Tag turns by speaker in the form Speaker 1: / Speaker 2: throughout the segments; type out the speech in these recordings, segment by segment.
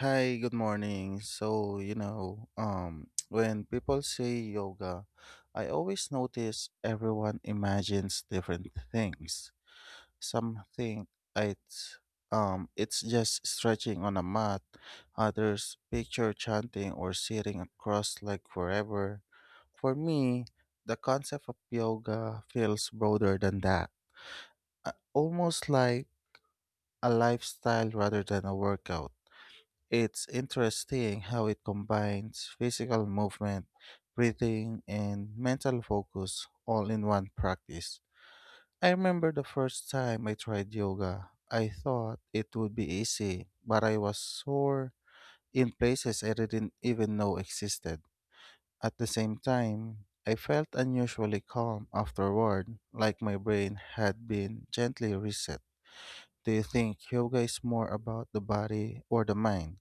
Speaker 1: Hi, good morning. When people say yoga, I always notice everyone imagines different things. Some think it's it's just stretching on a mat. Others picture chanting or sitting across like forever. For me, the concept of yoga feels broader than that. Almost like a lifestyle rather than a workout. It's interesting how it combines physical movement, breathing, and mental focus all in one practice. I remember the first time I tried yoga. I thought it would be easy, but I was sore in places I didn't even know existed. At the same time, I felt unusually calm afterward, like my brain had been gently reset. Do you think yoga is more about the body or the mind?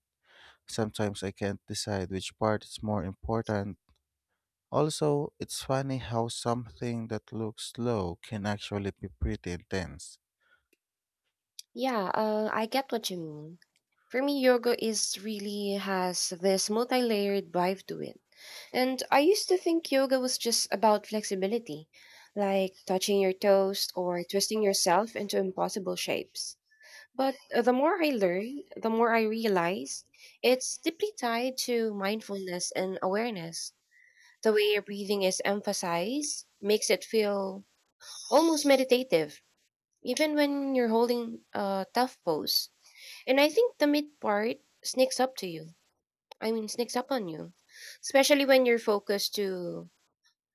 Speaker 1: Sometimes I can't decide which part is more important. Also, it's funny how something that looks slow can actually be pretty intense.
Speaker 2: Yeah, I get what you mean. For me, yoga is really has this multi-layered vibe to it. And I used to think yoga was just about flexibility, like touching your toes or twisting yourself into impossible shapes. But the more I learn, the more I realize it's deeply tied to mindfulness and awareness. The way your breathing is emphasized makes it feel almost meditative, even when you're holding a tough pose. And I think the mid part sneaks up to you. Sneaks up on you, especially when you're focused to.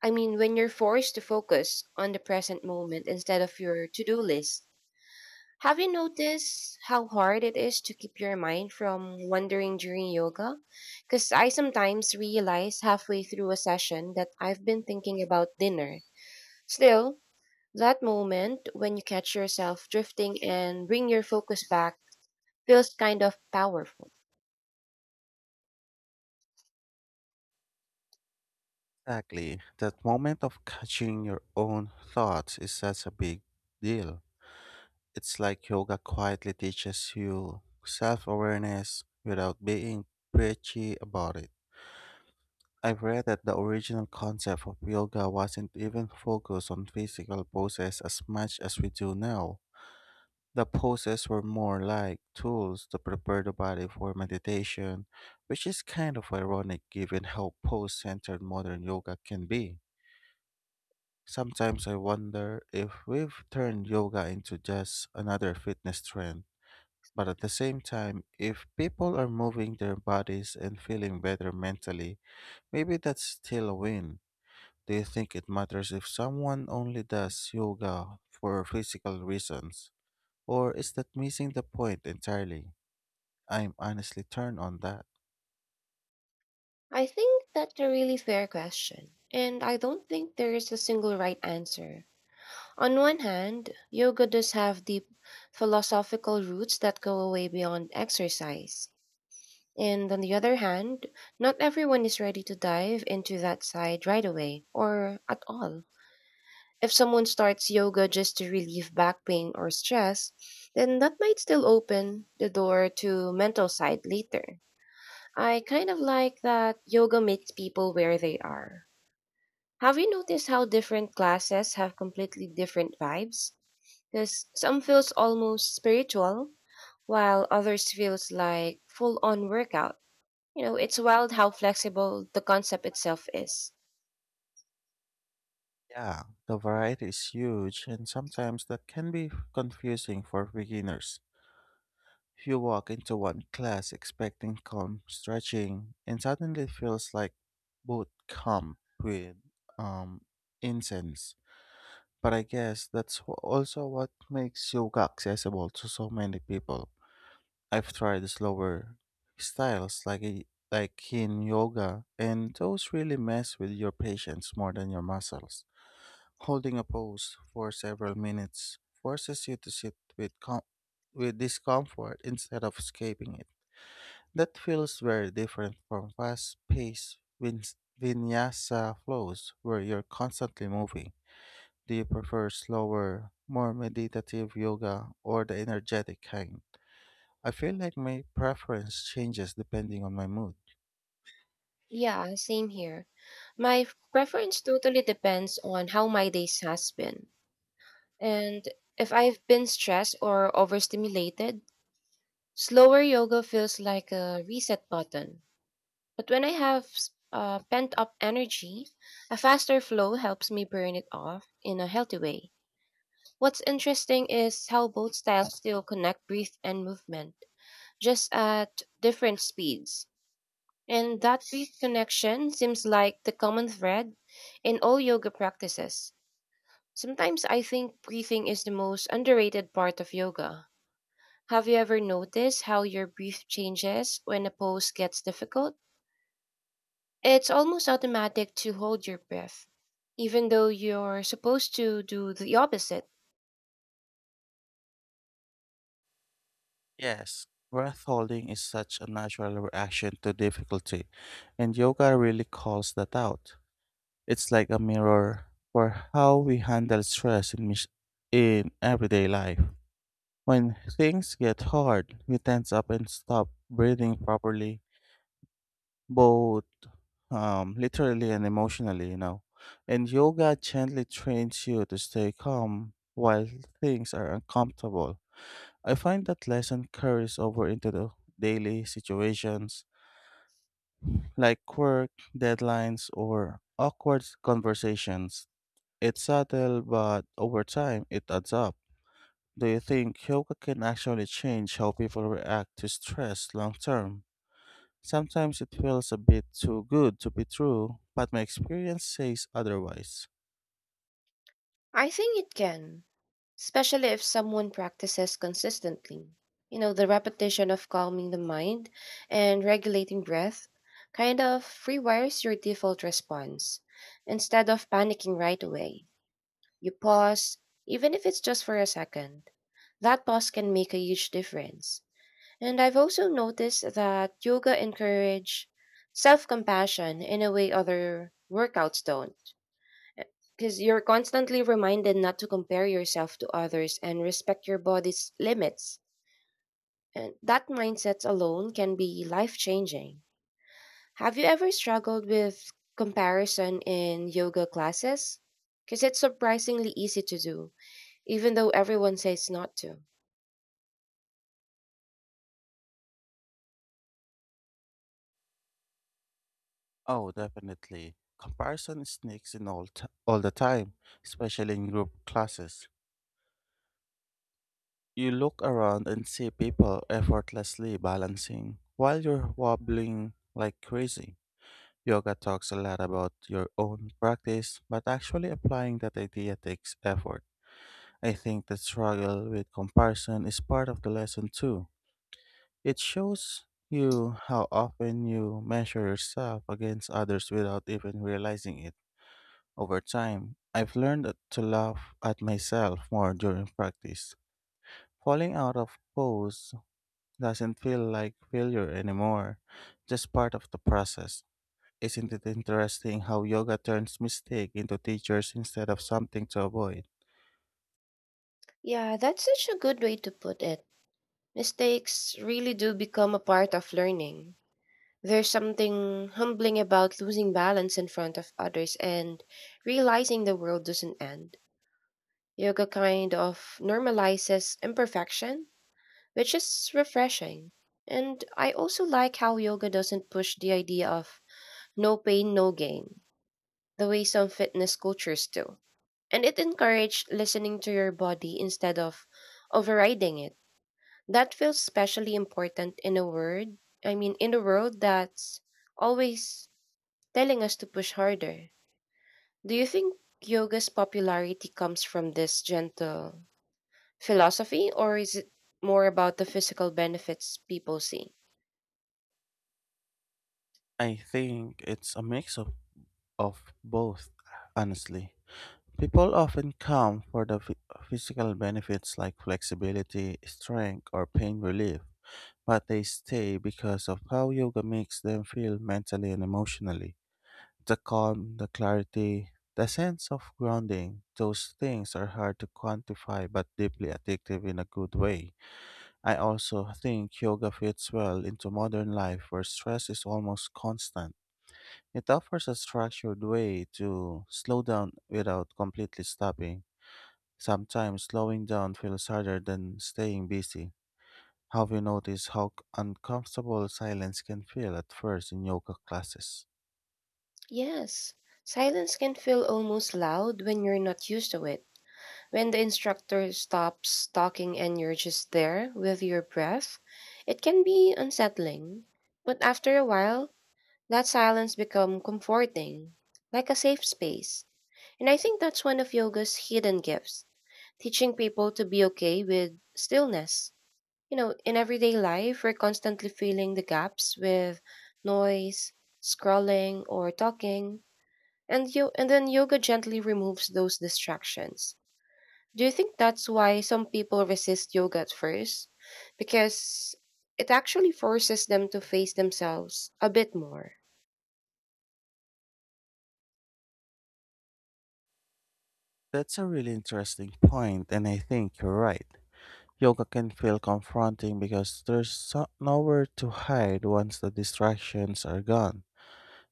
Speaker 2: I mean, when you're forced to focus on the present moment instead of your to do list. Have you noticed how hard it is to keep your mind from wandering during yoga? Because I sometimes realize halfway through a session that I've been thinking about dinner. Still, that moment when you catch yourself drifting and bring your focus back feels kind of powerful.
Speaker 1: Exactly. That moment of catching your own thoughts is such a big deal. It's like yoga quietly teaches you self awareness without being preachy about it. I've read that the original concept of yoga wasn't even focused on physical poses as much as we do now. The poses were more like tools to prepare the body for meditation, which is kind of ironic given how pose centered modern yoga can be. Sometimes I wonder if we've turned yoga into just another fitness trend. But at the same time, if people are moving their bodies and feeling better mentally, maybe that's still a win. Do you think it matters if someone only does yoga for physical reasons? Or is that missing the point entirely? I'm honestly turned on that.
Speaker 2: I think that's a really fair question, and I don't think there is a single right answer. On one hand, yoga does have deep philosophical roots that go away beyond exercise. And on the other hand, not everyone is ready to dive into that side right away or at all. If someone starts yoga just to relieve back pain or stress, then that might still open the door to mental side later. I kind of like that yoga meets people where they are. Have you noticed how different classes have completely different vibes? Because some feels almost spiritual, while others feels like full on workout. You know, it's wild how flexible the concept itself is.
Speaker 1: Yeah, the variety is huge, and sometimes that can be confusing for beginners. If you walk into one class expecting calm stretching, and suddenly it feels like boot camp with um, incense. But I guess that's also what makes yoga accessible to so many people. I've tried slower styles like Yin yoga, and those really mess with your patience more than your muscles. Holding a pose for several minutes forces you to sit with discomfort instead of escaping it. That feels very different from fast paced vinyasa flows where you're constantly moving. Do you prefer slower, more meditative yoga or the energetic kind? I feel like my preference changes depending on my mood.
Speaker 2: Yeah, same here. Preference totally depends on how my days has been. And if I've been stressed or overstimulated, slower yoga feels like a reset button. But when pent up energy, a faster flow helps me burn it off in a healthy way. What's interesting is how both styles still connect breath and movement, just at different speeds. And that breath connection seems like the common thread in all yoga practices. Sometimes I think breathing is the most underrated part of yoga. Have you ever noticed how your breath changes when a pose gets difficult? It's almost automatic to hold your breath, even though you're supposed to do the opposite.
Speaker 1: Yes, breath holding is such a natural reaction to difficulty, and yoga really calls that out. It's like a mirror for how we handle stress in everyday life. When things get hard, we tense up and stop breathing properly, both literally and emotionally, you know. And yoga gently trains you to stay calm while things are uncomfortable. I find that lesson carries over into the daily situations like work, deadlines, or awkward conversations. It's subtle, but over time, it adds up. Do you think yoga can actually change how people react to stress long term? Sometimes it feels a bit too good to be true, but my experience says otherwise.
Speaker 2: I think it can, especially if someone practices consistently. You know, the repetition of calming the mind and regulating breath kind of rewires your default response. Instead of panicking right away, you pause, even if it's just for a second. That pause can make a huge difference. And I've also noticed that yoga encourage self-compassion in a way other workouts don't. Because you're constantly reminded not to compare yourself to others and respect your body's limits. And that mindset alone can be life-changing. Have you ever struggled with comparison in yoga classes? Because it's surprisingly easy to do, even though everyone says not to.
Speaker 1: Oh, definitely. Comparison sneaks in all the time, especially in group classes. You look around and see people effortlessly balancing while you're wobbling like crazy. Yoga talks a lot about your own practice, but actually applying that idea takes effort. I think the struggle with comparison is part of the lesson too. It shows you how often you measure yourself against others without even realizing it. Over time, I've learned to laugh at myself more during practice. Falling out of pose doesn't feel like failure anymore, just part of the process. Isn't it interesting how yoga turns mistake into teachers instead of something to avoid?
Speaker 2: Yeah, that's such a good way to put it. Mistakes really do become a part of learning. There's something humbling about losing balance in front of others and realizing the world doesn't end. Yoga kind of normalizes imperfection, which is refreshing. And I also like how yoga doesn't push the idea of no pain, no gain, the way some fitness cultures do. And it encourages listening to your body instead of overriding it. That feels especially important in a word, I mean, in a world that's always telling us to push harder. Do you think yoga's popularity comes from this gentle philosophy, or is it more about the physical benefits people see?
Speaker 1: I think it's a mix of both, honestly. People often come for the physical benefits like flexibility, strength, or pain relief, but they stay because of how yoga makes them feel mentally and emotionally. The calm, the clarity, the sense of grounding, those things are hard to quantify but deeply addictive in a good way. I also think yoga fits well into modern life where stress is almost constant. It offers a structured way to slow down without completely stopping. Sometimes slowing down feels harder than staying busy. Have you noticed how uncomfortable silence can feel at first in yoga classes?
Speaker 2: Yes, silence can feel almost loud when you're not used to it. When the instructor stops talking and you're just there with your breath, it can be unsettling. But after a while, that silence become comforting, like a safe space. And I think that's one of yoga's hidden gifts, teaching people to be okay with stillness. You know, in everyday life, we're constantly filling the gaps with noise, scrolling, or talking, and you and then yoga gently removes those distractions. Do you think that's why some people resist yoga at first? Because it actually forces them to face themselves a bit more.
Speaker 1: That's a really interesting point, and I think you're right. Yoga can feel confronting because there's nowhere to hide once the distractions are gone.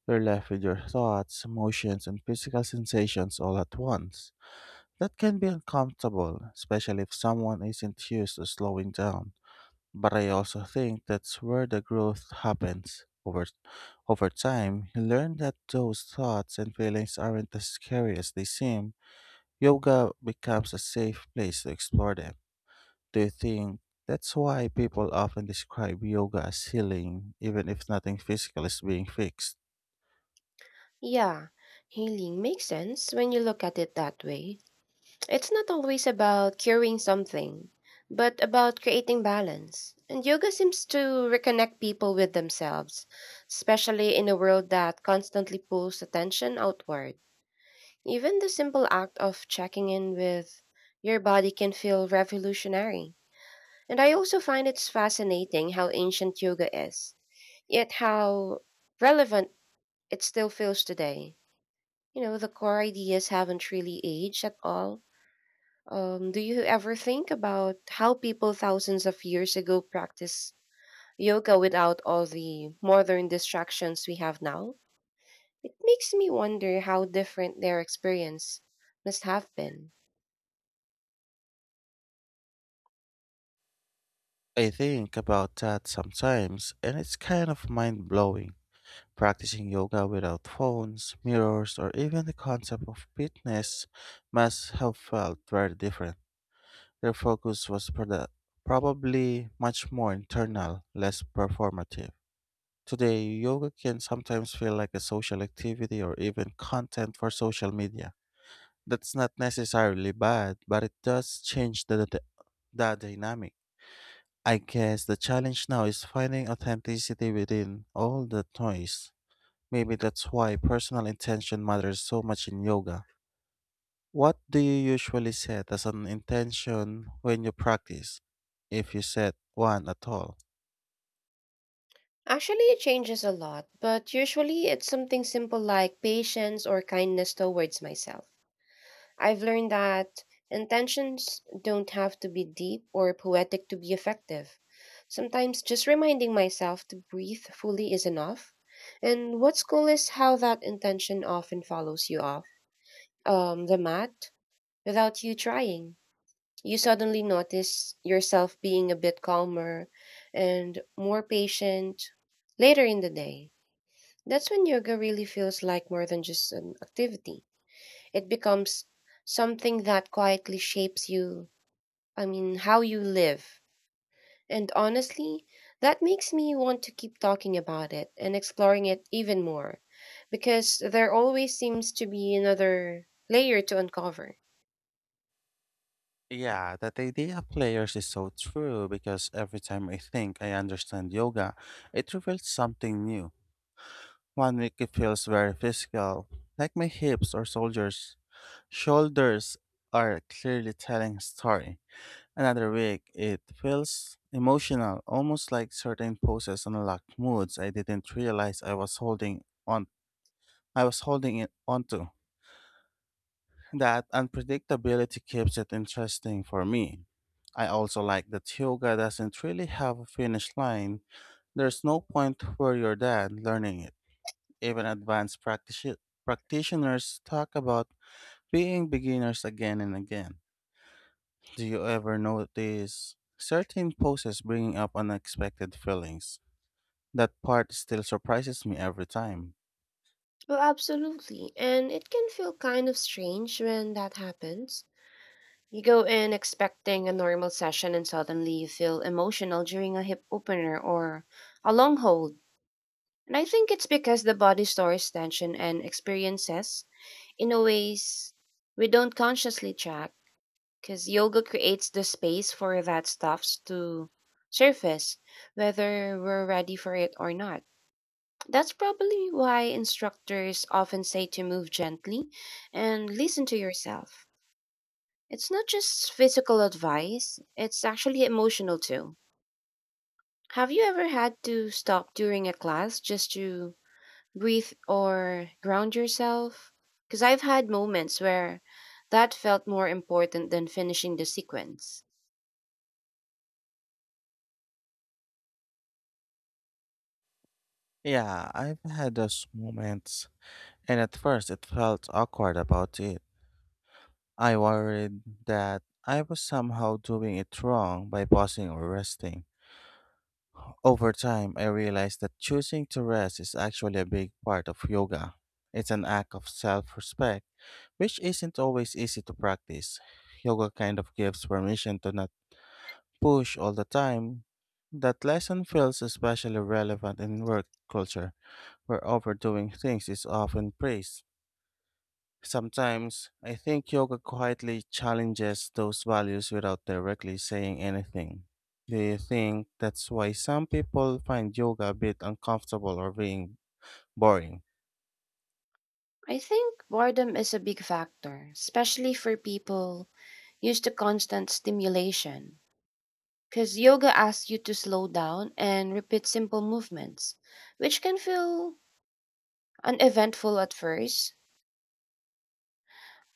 Speaker 1: You're left with your thoughts, emotions, and physical sensations all at once. That can be uncomfortable, especially if someone isn't used to slowing down. But I also think that's where the growth happens. Over time, you learn that those thoughts and feelings aren't as scary as they seem. Yoga becomes a safe place to explore them. Do you think that's why people often describe yoga as healing, even if nothing physical is being fixed?
Speaker 2: Yeah, healing makes sense when you look at it that way. It's not always about curing something, but about creating balance. And yoga seems to reconnect people with themselves, especially in a world that constantly pulls attention outward. Even the simple act of checking in with your body can feel revolutionary. And I also find it's fascinating how ancient yoga is, yet how relevant it still feels today. You know, the core ideas haven't really aged at all. Do you ever think about how people thousands of years ago practiced yoga without all the modern distractions we have now? It makes me wonder how different their experience must have been.
Speaker 1: I think about that sometimes, and it's kind of mind blowing. Practicing yoga without phones, mirrors, or even the concept of fitness must have felt very different. Their focus was probably much more internal, less performative. Today, yoga can sometimes feel like a social activity or even content for social media. That's not necessarily bad, but it does change the dynamic. I guess the challenge now is finding authenticity within all that noise. Maybe that's why personal intention matters so much in yoga. What do you usually set as an intention when you practice, if you set one at all?
Speaker 2: Actually, it changes a lot, but usually it's something simple like patience or kindness towards myself. I've learned that intentions don't have to be deep or poetic to be effective. Sometimes just reminding myself to breathe fully is enough. And what's cool is how that intention often follows you off the mat without you trying. You suddenly notice yourself being a bit calmer and more patient later in the day. That's when yoga really feels like more than just an activity. It becomes something that quietly shapes you, I mean, how you live. And honestly, that makes me want to keep talking about it and exploring it even more because there always seems to be another layer to uncover.
Speaker 1: Yeah, that idea of layers is so true because every time I think I understand yoga, it reveals something new. One week it feels very physical, like my hips or shoulders are clearly telling a story. Another week, it feels emotional, almost like certain poses unlock moods I didn't realize I was holding it onto. That unpredictability keeps it interesting for me. I also like that yoga doesn't really have a finish line. There's no point where you're done learning it. Even advanced practitioners talk about being beginners again and again. Do you ever notice certain poses bringing up unexpected feelings? That part still surprises me every time.
Speaker 2: Well, absolutely. And it can feel kind of strange when that happens. You go in expecting a normal session and suddenly you feel emotional during a hip opener or a long hold. And I think it's because the body stores tension and experiences in a ways we don't consciously track. Because yoga creates the space for that stuff to surface, whether we're ready for it or not. That's probably why instructors often say to move gently and listen to yourself. It's not just physical advice, it's actually emotional too. Have you ever had to stop during a class just to breathe or ground yourself? Because I've had moments where that felt more important than finishing the sequence.
Speaker 1: Yeah, I've had those moments, and at first it felt awkward about it. I worried that I was somehow doing it wrong by pausing or resting. Over time, I realized that choosing to rest is actually a big part of yoga. It's an act of self respect, which isn't always easy to practice. Yoga kind of gives permission to not push all the time. That lesson feels especially relevant in work culture, where overdoing things is often praised. Sometimes, I think yoga quietly challenges those values without directly saying anything. Do you think that's why some people find yoga a bit uncomfortable or being boring?
Speaker 2: I think boredom is a big factor, especially for people used to constant stimulation. Because yoga asks you to slow down and repeat simple movements, which can feel uneventful at first,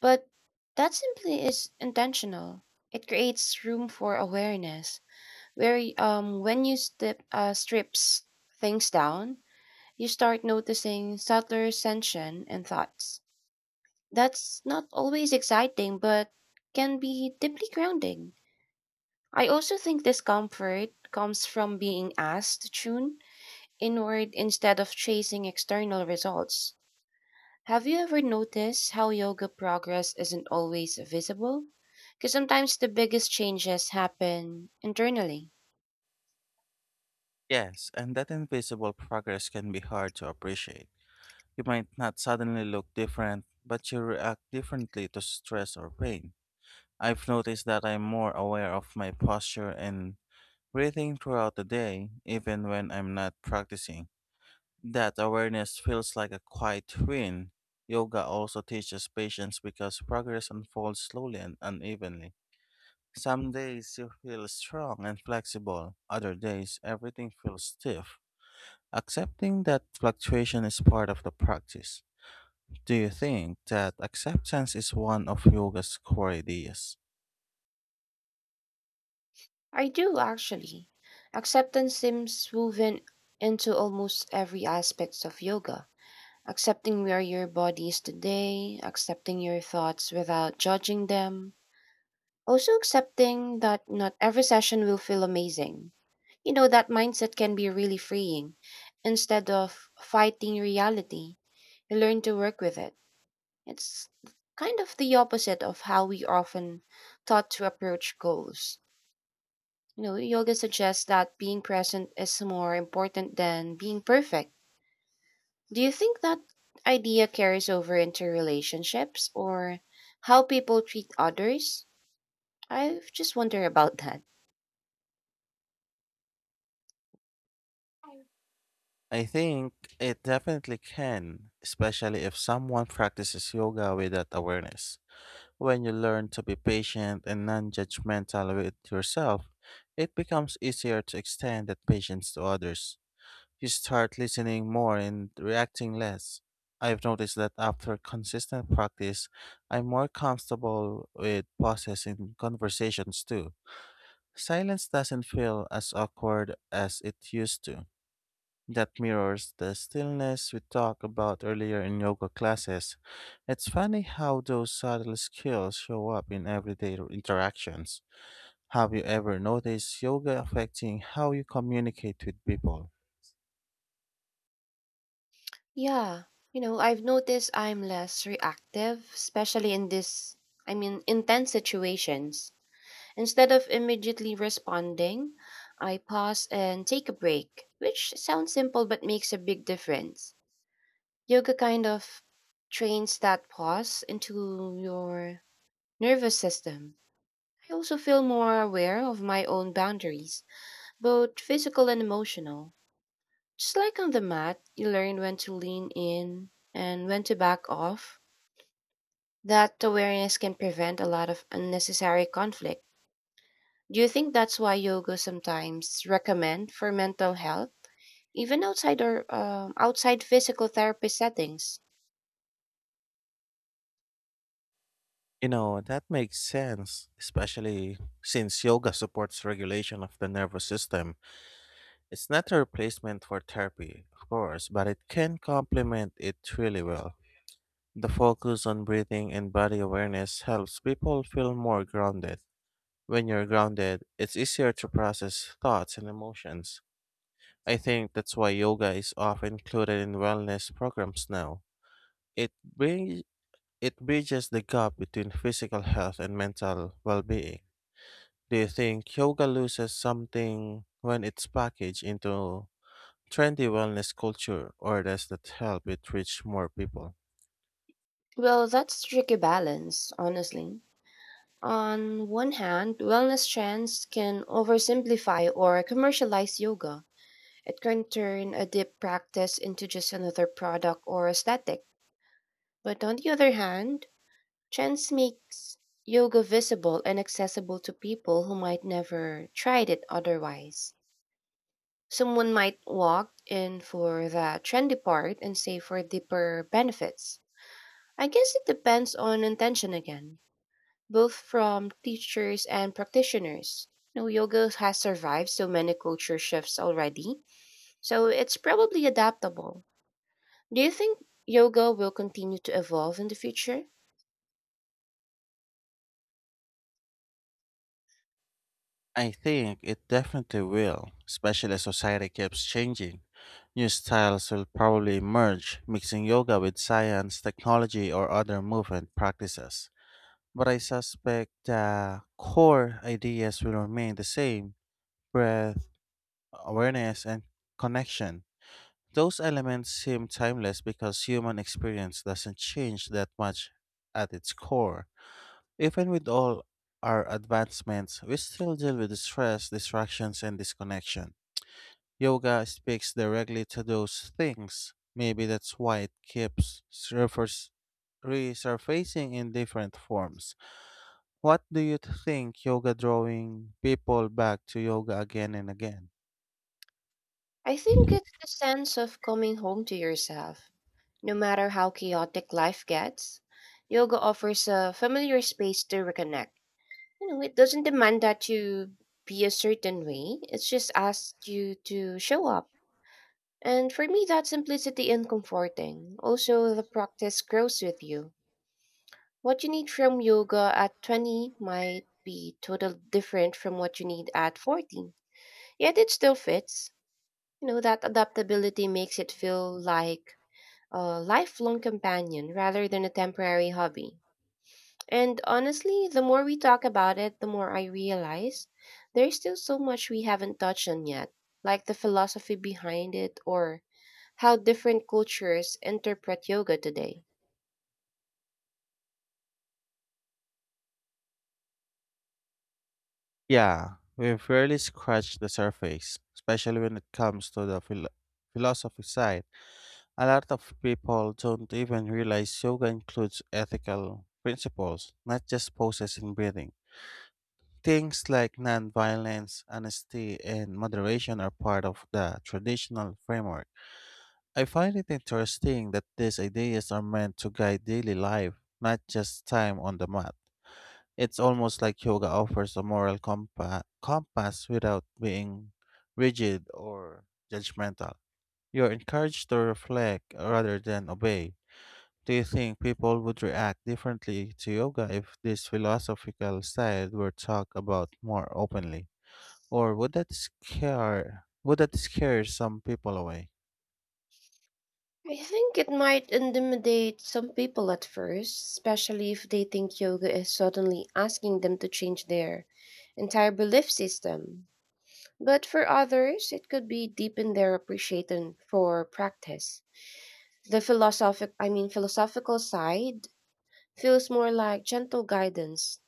Speaker 2: but that simply is intentional. It creates room for awareness where when you step strips things down, you start noticing subtler tension and thoughts. That's not always exciting, but can be deeply grounding. I also think discomfort comes from being asked to tune inward instead of chasing external results. Have you ever noticed how yoga progress isn't always visible? Because sometimes the biggest changes happen internally.
Speaker 1: Yes, and that invisible progress can be hard to appreciate. You might not suddenly look different, but you react differently to stress or pain. I've noticed that I'm more aware of my posture and breathing throughout the day, even when I'm not practicing. That awareness feels like a quiet win. Yoga also teaches patience because progress unfolds slowly and unevenly. Some days you feel strong and flexible, other days everything feels stiff. Accepting that fluctuation is part of the practice. Do you think that acceptance is one of yoga's core ideas?
Speaker 2: I do actually. Acceptance seems woven into almost every aspect of yoga. Accepting where your body is today, accepting your thoughts without judging them, also accepting that not every session will feel amazing. You know, that mindset can be really freeing. Instead of fighting reality, you learn to work with it. It's kind of the opposite of how we often thought to approach goals. You know, yoga suggests that being present is more important than being perfect. Do you think that idea carries over into relationships or how people treat others? I've just wondered about that.
Speaker 1: I think it definitely can, especially if someone practices yoga with that awareness. When you learn to be patient and non judgmental with yourself, it becomes easier to extend that patience to others. You start listening more and reacting less. I've noticed that after consistent practice, I'm more comfortable with pauses in conversations too. Silence doesn't feel as awkward as it used to. That mirrors the stillness we talked about earlier in yoga classes. It's funny how those subtle skills show up in everyday interactions. Have you ever noticed yoga affecting how you communicate with people?
Speaker 2: Yeah, you know, I've noticed I'm less reactive, especially in this, I mean, intense situations. Instead of immediately responding, I pause and take a break, which sounds simple but makes a big difference. Yoga kind of trains that pause into your nervous system. I also feel more aware of my own boundaries, both physical and emotional. Just like on the mat, you learn when to lean in and when to back off. That awareness can prevent a lot of unnecessary conflict. Do you think that's why yoga sometimes recommend for mental health, even outside or outside physical therapy settings?
Speaker 1: You know, that makes sense, especially since yoga supports regulation of the nervous system. It's not a replacement for therapy, of course, but it can complement it really well. The focus on breathing and body awareness helps people feel more grounded. When you're grounded, it's easier to process thoughts and emotions. I think that's why yoga is often included in wellness programs now. It brings it bridges the gap between physical health and mental well-being. Do you think yoga loses something when it's packaged into trendy wellness culture, or does that help it reach more people?
Speaker 2: Well, that's a tricky balance, honestly. On one hand, wellness trends can oversimplify or commercialize yoga. It can turn a deep practice into just another product or aesthetic. But on the other hand, trends makes yoga visible and accessible to people who might never tried it otherwise. Someone might walk in for the trendy part and save for deeper benefits. I guess it depends on intention again, both from teachers and practitioners. You know, yoga has survived so many culture shifts already, so it's probably adaptable. Do you think yoga will continue to evolve in the future?
Speaker 1: I think it definitely will, especially as society keeps changing. New styles will probably emerge, mixing yoga with science, technology, or other movement practices. But I suspect the core ideas will remain the same: breath, awareness, and connection. Those elements seem timeless because human experience doesn't change that much at its core. Even with all our advancements, we still deal with stress, distractions, and disconnection. Yoga speaks directly to those things. Maybe that's why it keeps surfers resurfacing in different forms. What do you think yoga drawing people back to yoga again and again?
Speaker 2: I think it's the sense of coming home to yourself. No matter how chaotic life gets, yoga offers a familiar space to reconnect. You know, it doesn't demand that you be a certain way, it just asks you to show up. And for me, that simplicity and comforting. Also, the practice grows with you. What you need from yoga at 20 might be totally different from what you need at 40. Yet it still fits. You know, that adaptability makes it feel like a lifelong companion rather than a temporary hobby. And honestly, the more we talk about it, the more I realize there's still so much we haven't touched on yet, like the philosophy behind it or how different cultures interpret yoga today.
Speaker 1: Yeah, we've barely scratched the surface, especially when it comes to the philosophy side. A lot of people don't even realize yoga includes ethical principles, not just poses and breathing. Things like non-violence, honesty, and moderation are part of the traditional framework. I find it interesting that these ideas are meant to guide daily life, not just time on the mat. It's almost like yoga offers a moral compass without being rigid or judgmental. You're encouraged to reflect rather than obey. Do you think people would react differently to yoga if this philosophical side were talked about more openly? Or would that scare some people away?
Speaker 2: I think it might intimidate some people at first, especially if they think yoga is suddenly asking them to change their entire belief system. But for others, it could be deepen their appreciation for practice. The philosophical side feels more like gentle guidance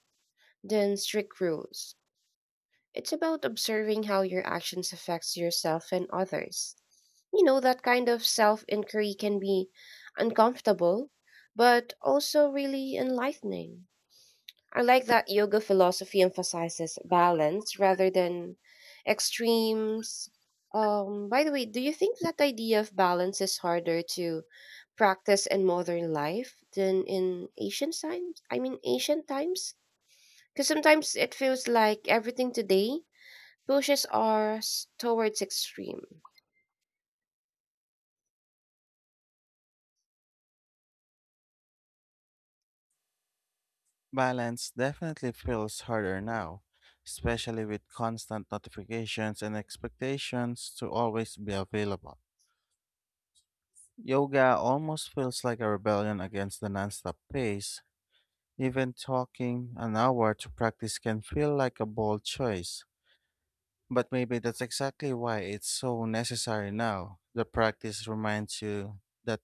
Speaker 2: than strict rules. It's about observing how your actions affects yourself and others. You know that kind of self-inquiry can be uncomfortable, but also really enlightening. I like that yoga philosophy emphasizes balance rather than extremes. By the way, do you think that idea of balance is harder to practice in modern life than in ancient times? I mean, ancient times? Because sometimes it feels like everything today pushes us towards extreme.
Speaker 1: Balance definitely feels harder now, especially with constant notifications and expectations to always be available. Yoga almost feels like a rebellion against the nonstop pace. Even talking an hour to practice can feel like a bold choice. But maybe that's exactly why it's so necessary now. The practice reminds you that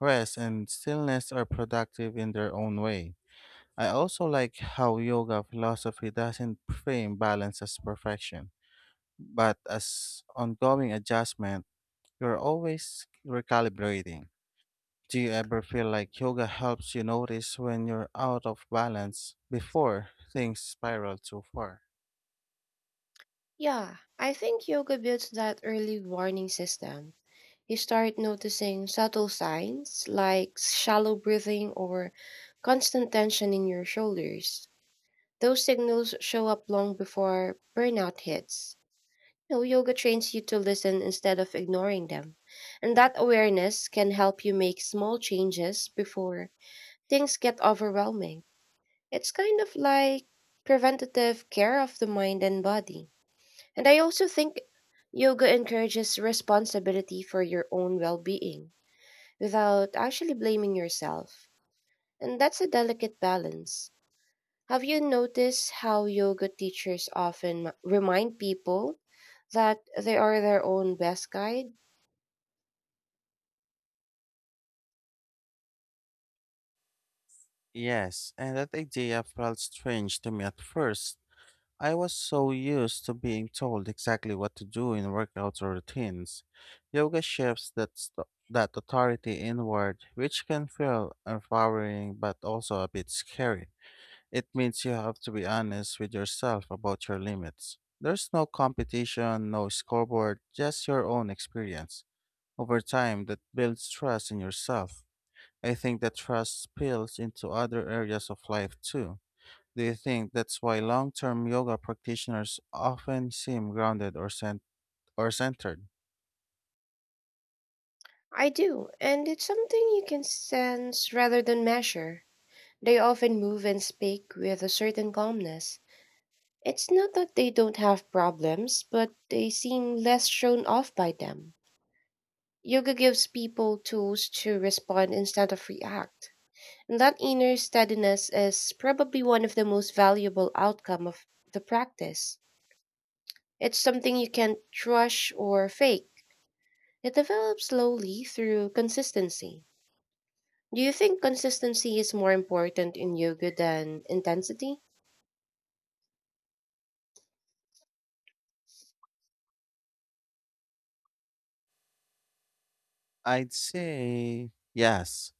Speaker 1: rest and stillness are productive in their own way. I also like how yoga philosophy doesn't frame balance as perfection, but as ongoing adjustment. You're always recalibrating. Do you ever feel like yoga helps you notice when you're out of balance before things spiral too far?
Speaker 2: Yeah, I think yoga builds that early warning system. You start noticing subtle signs like shallow breathing or constant tension in your shoulders. Those signals show up long before burnout hits. You know, yoga trains you to listen instead of ignoring them. And that awareness can help you make small changes before things get overwhelming. It's kind of like preventative care of the mind and body. And I also think yoga encourages responsibility for your own well being without actually blaming yourself. And that's a delicate balance. Have you noticed how yoga teachers often remind people that they are their own best guide?
Speaker 1: Yes, and that idea felt strange to me at first. I was so used to being told exactly what to do in workouts or routines. Yoga shifts that authority inward, which can feel empowering but also a bit scary. It means you have to be honest with yourself about your limits. There's no competition, no scoreboard, just your own experience. Over time, that builds trust in yourself. I think that trust spills into other areas of life too. Do you think that's why long-term yoga practitioners often seem grounded or centered?
Speaker 2: I do, and it's something you can sense rather than measure. They often move and speak with a certain calmness. It's not that they don't have problems, but they seem less shown off by them. Yoga gives people tools to respond instead of react. And that inner steadiness is probably one of the most valuable outcome of the practice. It's something you can't rush or fake. It develops slowly through consistency. Do you think consistency is more important in yoga than intensity?
Speaker 1: I'd say yes.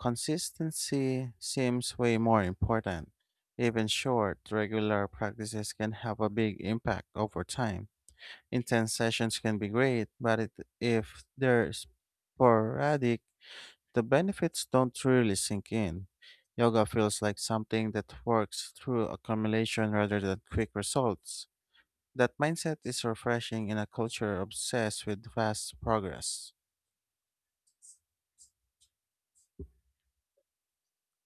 Speaker 1: Consistency seems way more important. Even short, regular practices can have a big impact over time. Intense sessions can be great, if they're sporadic, the benefits don't really sink in. Yoga feels like something that works through accumulation rather than quick results. That mindset is refreshing in a culture obsessed with fast progress.